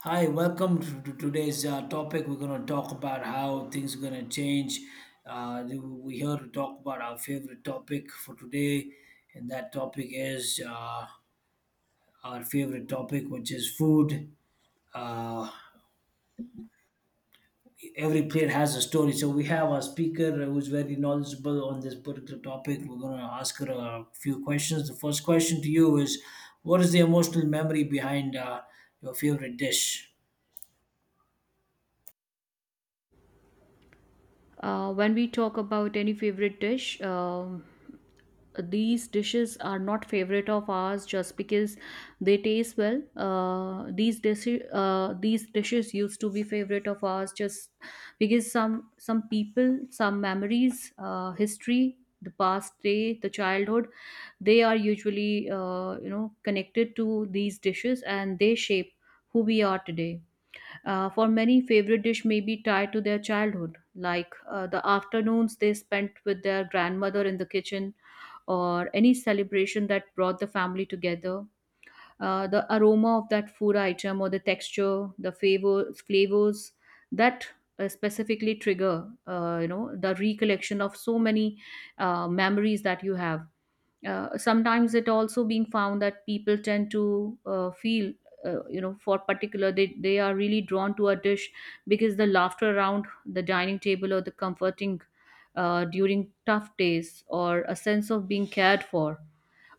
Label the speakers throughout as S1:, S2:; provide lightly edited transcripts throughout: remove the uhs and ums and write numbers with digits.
S1: Hi, welcome to, today's topic. We're going to talk about how things are going to change. We're here to talk about our favorite topic for today, and that topic is our favorite topic, which is food. Uh, every plate has a story. So we have a speaker who's very knowledgeable on this particular topic. We're going to ask her a few questions. The first question to you is, what is the emotional memory behind your favorite dish?
S2: When we talk about any favorite dish, these dishes are not favorite of ours just because they taste well. These dishes used to be favorite of ours just because some people, some memories, history, the past day, the childhood. They are usually connected to these dishes, and they shape who we are today. For many, favorite dish may be tied to their childhood, like the afternoons they spent with their grandmother in the kitchen, or any celebration that brought the family together. The aroma of that food item, or the texture, the favor, flavors that specifically trigger the recollection of so many memories that you have. Sometimes it also being found that people tend to feel for particular they are really drawn to a dish because the laughter around the dining table, or the comforting during tough days, or a sense of being cared for.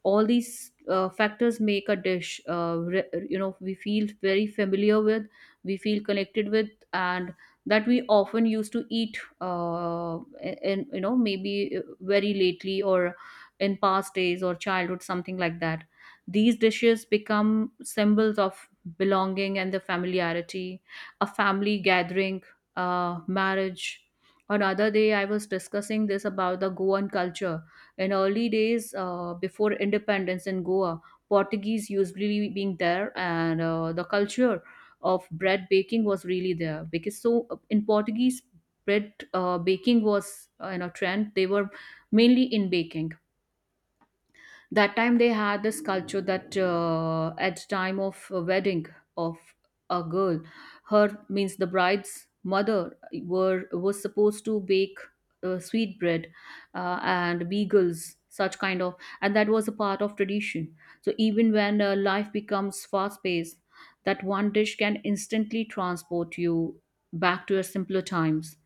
S2: All these factors make a dish we feel very familiar with, we feel connected with, and that we often used to eat in maybe very lately, or in past days, or childhood, something like that. These dishes become symbols of belonging and the familiarity, a family gathering, marriage. Another day, I was discussing this about the Goan culture. In early days, before independence in Goa, Portuguese usually being there, and the culture of bread baking was really there because in Portuguese, bread baking was in a trend. They were mainly in baking. That time they had this culture that at time of a wedding of a girl, her means the bride's mother were was supposed to bake sweet bread and beagles, such kind of, and that was a part of tradition. So even when life becomes fast paced, that one dish can instantly transport you back to your simpler times.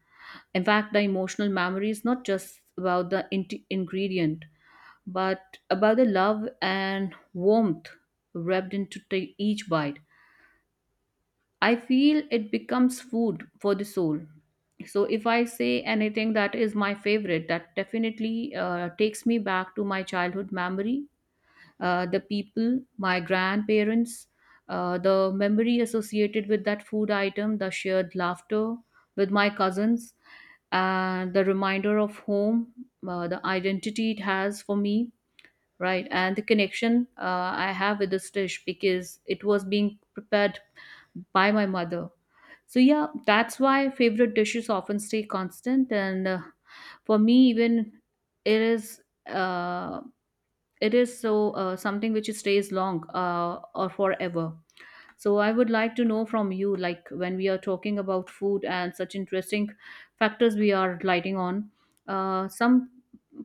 S2: In fact, the emotional memory is not just about the ingredient, but about the love and warmth wrapped into each bite. I feel it becomes food for the soul. So if I say anything that is my favorite, that definitely takes me back to my childhood memory, the people, my grandparents, the memory associated with that food item, the shared laughter with my cousins, and the reminder of home, the identity it has for me, right? And the connection I have with this dish because it was being prepared by my mother. So yeah, that's why favorite dishes often stay constant, and for me, even it is, uh, it is so, something which stays long, or forever. So I would like to know from you, like when we are talking about food and such interesting factors we are lighting on, some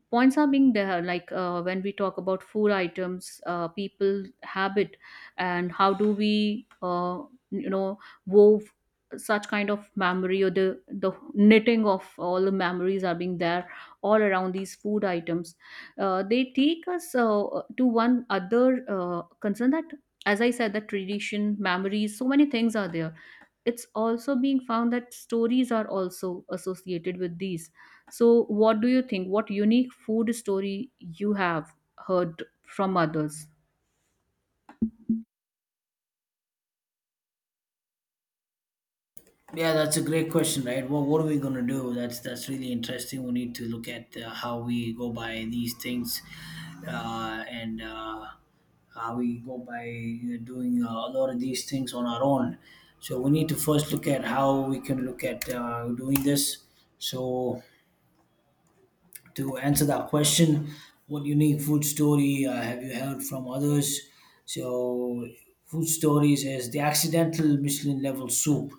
S2: points are being there, like when we talk about food items, people habit, and how do we, you know, wove such kind of memory, or the knitting of all the memories are being there all around these food items. They take us to one other concern that, as I said, the tradition, memories, so many things are there. It's also being found that stories are also associated with these. So, what do you think? What unique food story you have heard from others?
S1: Yeah, that's a great question, right? Well, what are we gonna do? That's really interesting. We need to look at how we go by these things, and how we go by doing a lot of these things on our own. So we need to first look at how we can look at doing this. So to answer that question, what unique food story have you heard from others? So food stories is the accidental Michelin level soup.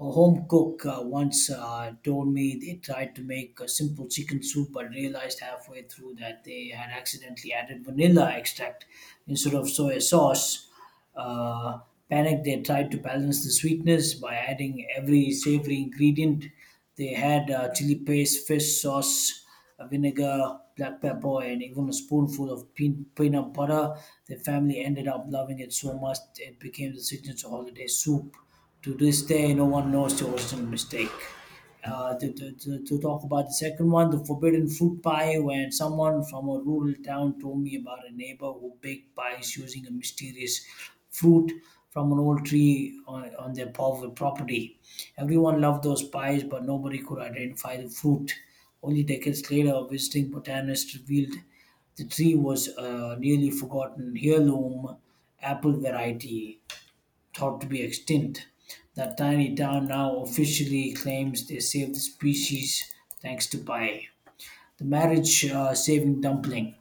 S1: A home cook once told me they tried to make a simple chicken soup but realized halfway through that they had accidentally added vanilla extract instead of soy sauce. Uh, panic, they tried to balance the sweetness by adding every savory ingredient. They had chili paste, fish sauce, vinegar, black pepper, and even a spoonful of peanut butter. The family ended up loving it so much it became the signature holiday soup. To this day, no one knows the original mistake. To talk about the second one, the forbidden fruit pie, when someone from a rural town told me about a neighbor who baked pies using a mysterious fruit from an old tree on, their property. Everyone loved those pies, but nobody could identify the fruit. Only decades later, a visiting botanist revealed the tree was a nearly forgotten heirloom apple variety thought to be extinct. That tiny town now officially claims they saved the species thanks to pie. The marriage saving dumpling.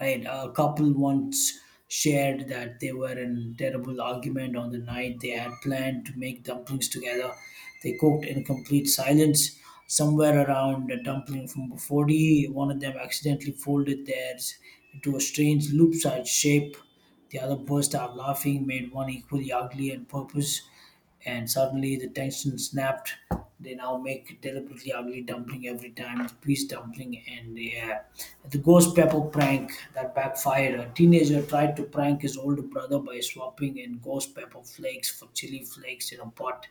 S1: Right, a couple once shared that they were in terrible argument on the night they had planned to make dumplings together. They cooked in complete silence. Somewhere around a dumpling from 40, one of them accidentally folded theirs into a strange loop-sized shape. The other burst out laughing, made one equally ugly and purpose, and suddenly the tension snapped. They now make deliberately ugly dumpling every time. It's peace dumpling, and yeah, the ghost pepper prank that backfired. A teenager tried to prank his older brother by swapping in ghost pepper flakes for chili flakes in a pot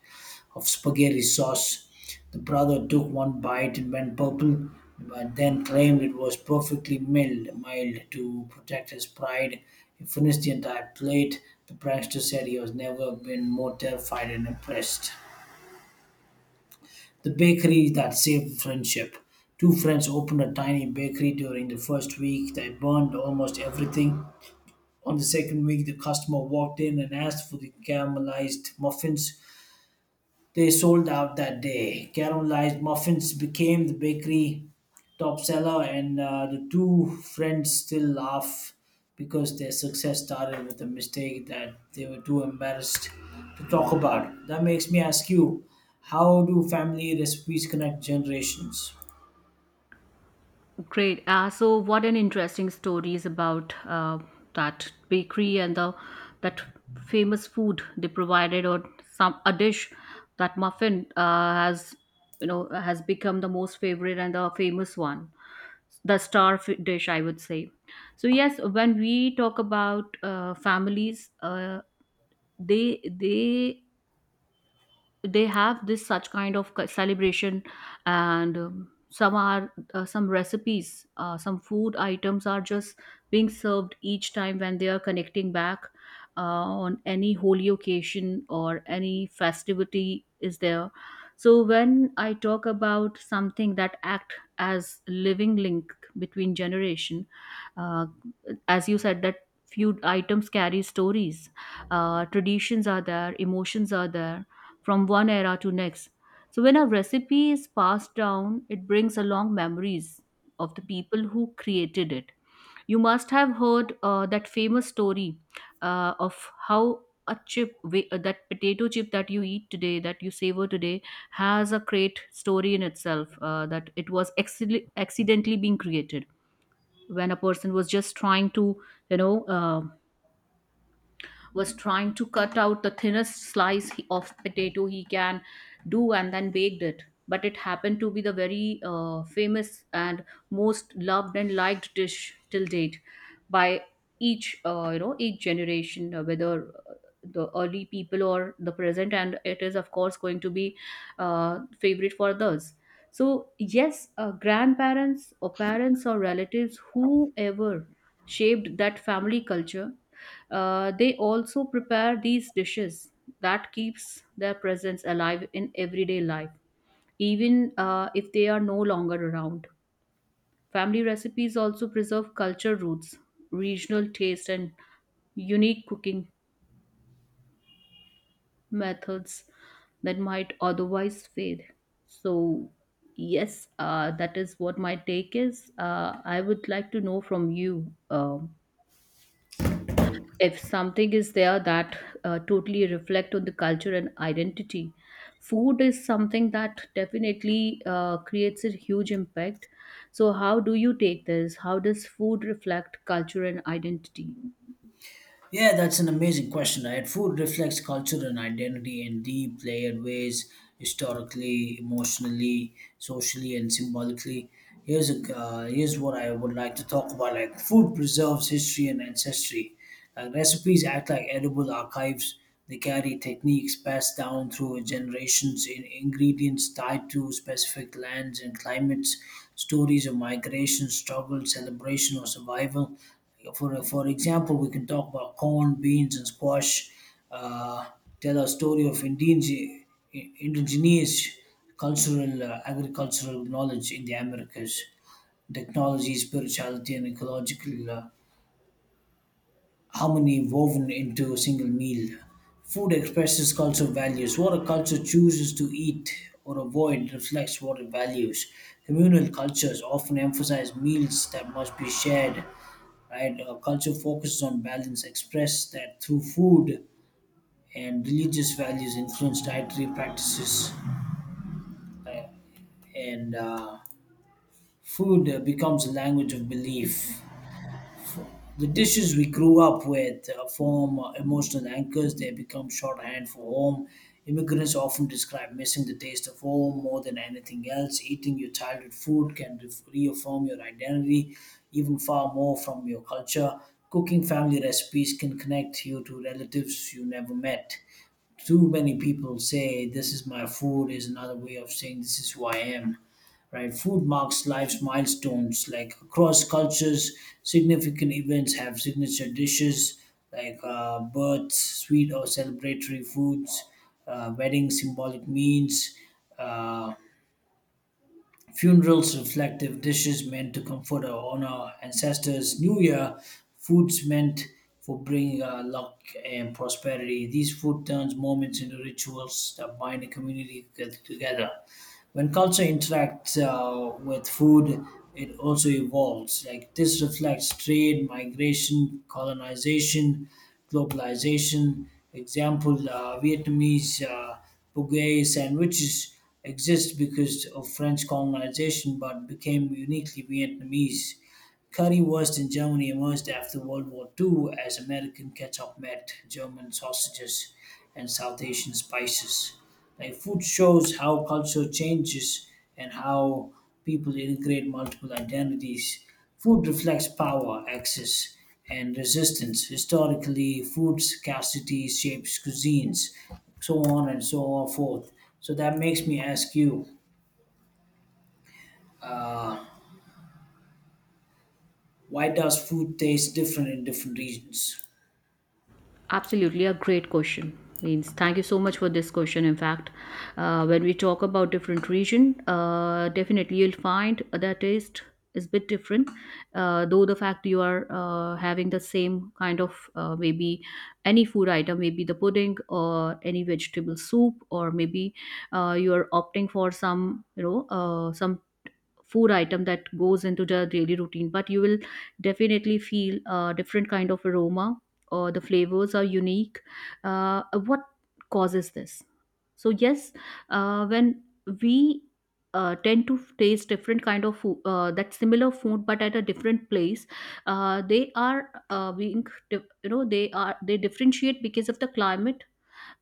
S1: of spaghetti sauce. The brother took one bite and went purple, but then claimed it was perfectly mild to protect his pride. He finished the entire plate. The prankster said he has never been more terrified and impressed. The bakery that saved friendship. Two friends opened a tiny bakery during the first week. They burned almost everything. On the second week, the customer walked in and asked for the caramelized muffins. They sold out that day. Caramelized muffins became the bakery top seller, and the two friends still laugh because their success started with a mistake that they were too embarrassed to talk about. That makes me ask you, how do family recipes connect generations?
S2: Great. So, what an interesting stories about that bakery and the that famous food they provided, or some a dish, that muffin has has become the most favorite and the famous one, the star dish, I would say. So yes, when we talk about families, they they they have this such kind of celebration, and some are some recipes, some food items are just being served each time when they are connecting back uh, on any holy occasion, or any festivity is there. So when I talk about something that act as living link between generation, uh, as you said that few items carry stories, traditions are there, emotions are there, from one era to next. So when a recipe is passed down, it brings along memories of the people who created it. You must have heard that famous story of how a chip, that potato chip that you eat today, that you savor today, has a great story in itself. That it was accidentally being created when a person was just trying to, you know, uh, was trying to cut out the thinnest slice of potato he can do, and then baked it. But it happened to be the very famous and most loved and liked dish till date by each each generation, whether the early people or the present, and it is of course going to be favorite for others. So yes, grandparents or parents or relatives, whoever shaped that family culture, they also prepare these dishes that keeps their presence alive in everyday life even if they are no longer around. Family recipes also preserve culture roots, regional taste, and unique cooking methods that might otherwise fade. So yes, that is what my take is. I would like to know from you, if something is there that totally reflect on the culture and identity. Food is something that definitely creates a huge impact. So how do you take this? How does food reflect culture and identity?
S1: Yeah, that's an amazing question, right? Food reflects culture and identity in deep, layered ways, historically, emotionally, socially, and symbolically. Here's what I would like to talk about: like food preserves history and ancestry. Like recipes act like edible archives. They carry techniques passed down through generations, in ingredients tied to specific lands and climates, stories of migration, struggle, celebration, or survival. For example, we can talk about corn, beans, and squash. Uh, tell a story of indigenous cultural, agricultural knowledge in the Americas, technology, spirituality, and ecological harmony woven into a single meal. Food expresses cultural values. What a culture chooses to eat or avoid reflects what it values. Communal cultures often emphasize meals that must be shared, right? A culture focuses on balance, express that through food, and religious values influence dietary practices. And food becomes a language of belief. The dishes we grew up with form emotional anchors. They become shorthand for home. Immigrants often describe missing the taste of home more than anything else. Eating your childhood food can re reaffirm your identity, even far more from your culture. Cooking family recipes can connect you to relatives you never met. Too many people say this is my food is another way of saying this is who I am, right? Food marks life's milestones. Like across cultures, significant events have signature dishes like births, sweet or celebratory foods, weddings, symbolic means. Uh, Funerals, reflective dishes meant to comfort or honor ancestors. New Year, foods meant for bringing luck and prosperity. These food turns moments into rituals that bind a community together. When culture interacts with food, it also evolves, like this reflects trade, migration, colonization, globalization. Example, Vietnamese bugey sandwiches exist because of French colonization but became uniquely Vietnamese. Curry was in Germany, emerged after World War II as American ketchup met German sausages and South Asian spices. Like food shows how culture changes and how people integrate multiple identities. Food reflects power, access, and resistance. Historically, food scarcity shapes cuisines, so on and so on forth. So that makes me ask you, why does food taste different in different regions?
S2: Absolutely, a great question. Means thank you so much for this question. In fact, when we talk about different region, definitely you'll find that taste is bit different. Though the fact you are having the same kind of, maybe any food item, maybe the pudding or any vegetable soup, or maybe you are opting for some some food item that goes into the daily routine, but you will definitely feel a different kind of aroma, or the flavors are unique. What causes this? So yes, when we tend to taste different kind of food, that similar food but at a different place, they are being they differentiate because of the climate,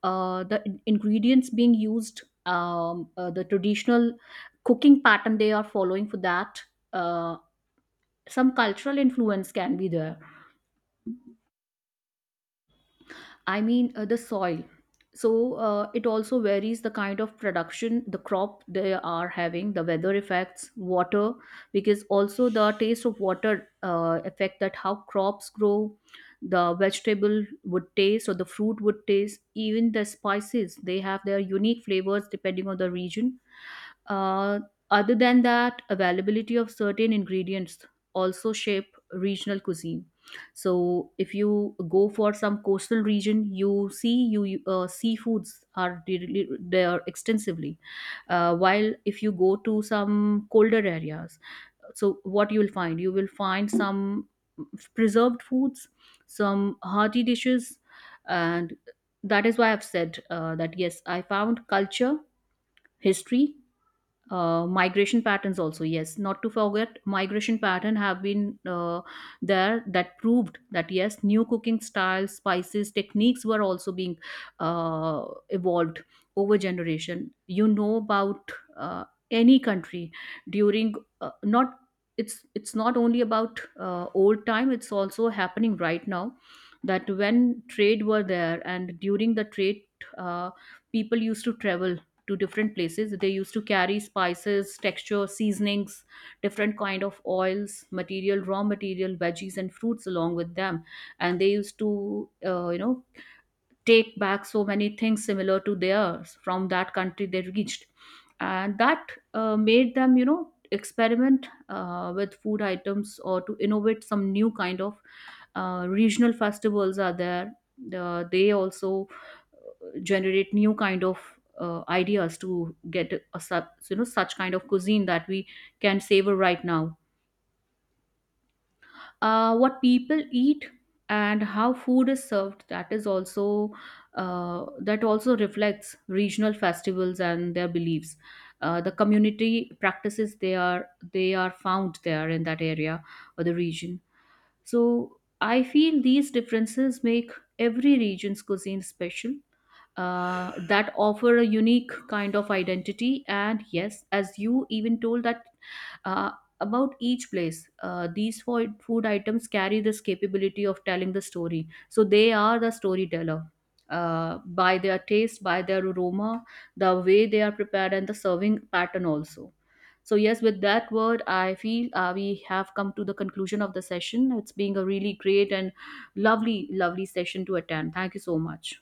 S2: the ingredients being used, the traditional cooking pattern they are following for that, uh, some cultural influence can be there. I mean, the soil. So it also varies the kind of production, the crop they are having, the weather effects, water. Because also the taste of water affect that how crops grow, the vegetable would taste, or the fruit would taste. Even the spices, they have their unique flavors depending on the region. Uh, other than that, availability of certain ingredients also shape regional cuisine. So, if you go for some coastal region, you see seafoods are really there extensively. While if you go to some colder areas, so what you will find some preserved foods, some hearty dishes, and that is why I've said that yes, I found culture, history, migration patterns also. Yes, not to forget migration pattern have been there, that proved that yes, new cooking styles, spices, techniques were also being evolved over generation. You know about any country during, not, it's not only about old time, it's also happening right now. That when trade were there, and during the trade, uh, people used to travel to different places. They used to carry spices, texture, seasonings, different kind of oils, material, raw material, veggies and fruits along with them. And they used to uh, you know take back so many things similar to theirs from that country they reached, and that made them experiment with food items, or to innovate some new kind of. Regional festivals are there. They also generate new kind of ideas to get a, such kind of cuisine that we can savor right now. What people eat and how food is served, that is also, that also reflects regional festivals and their beliefs, the community practices they are, they are found there in that area or the region. So I feel these differences make every region's cuisine special, that offer a unique kind of identity. And yes, as you even told that, uh, about each place, these food items carry this capability of telling the story. So they are the storyteller. By their taste, by their aroma, the way they are prepared, and the serving pattern also. So yes, with that word, I feel we have come to the conclusion of the session. It's being a really great and lovely, lovely session to attend. Thank you so much.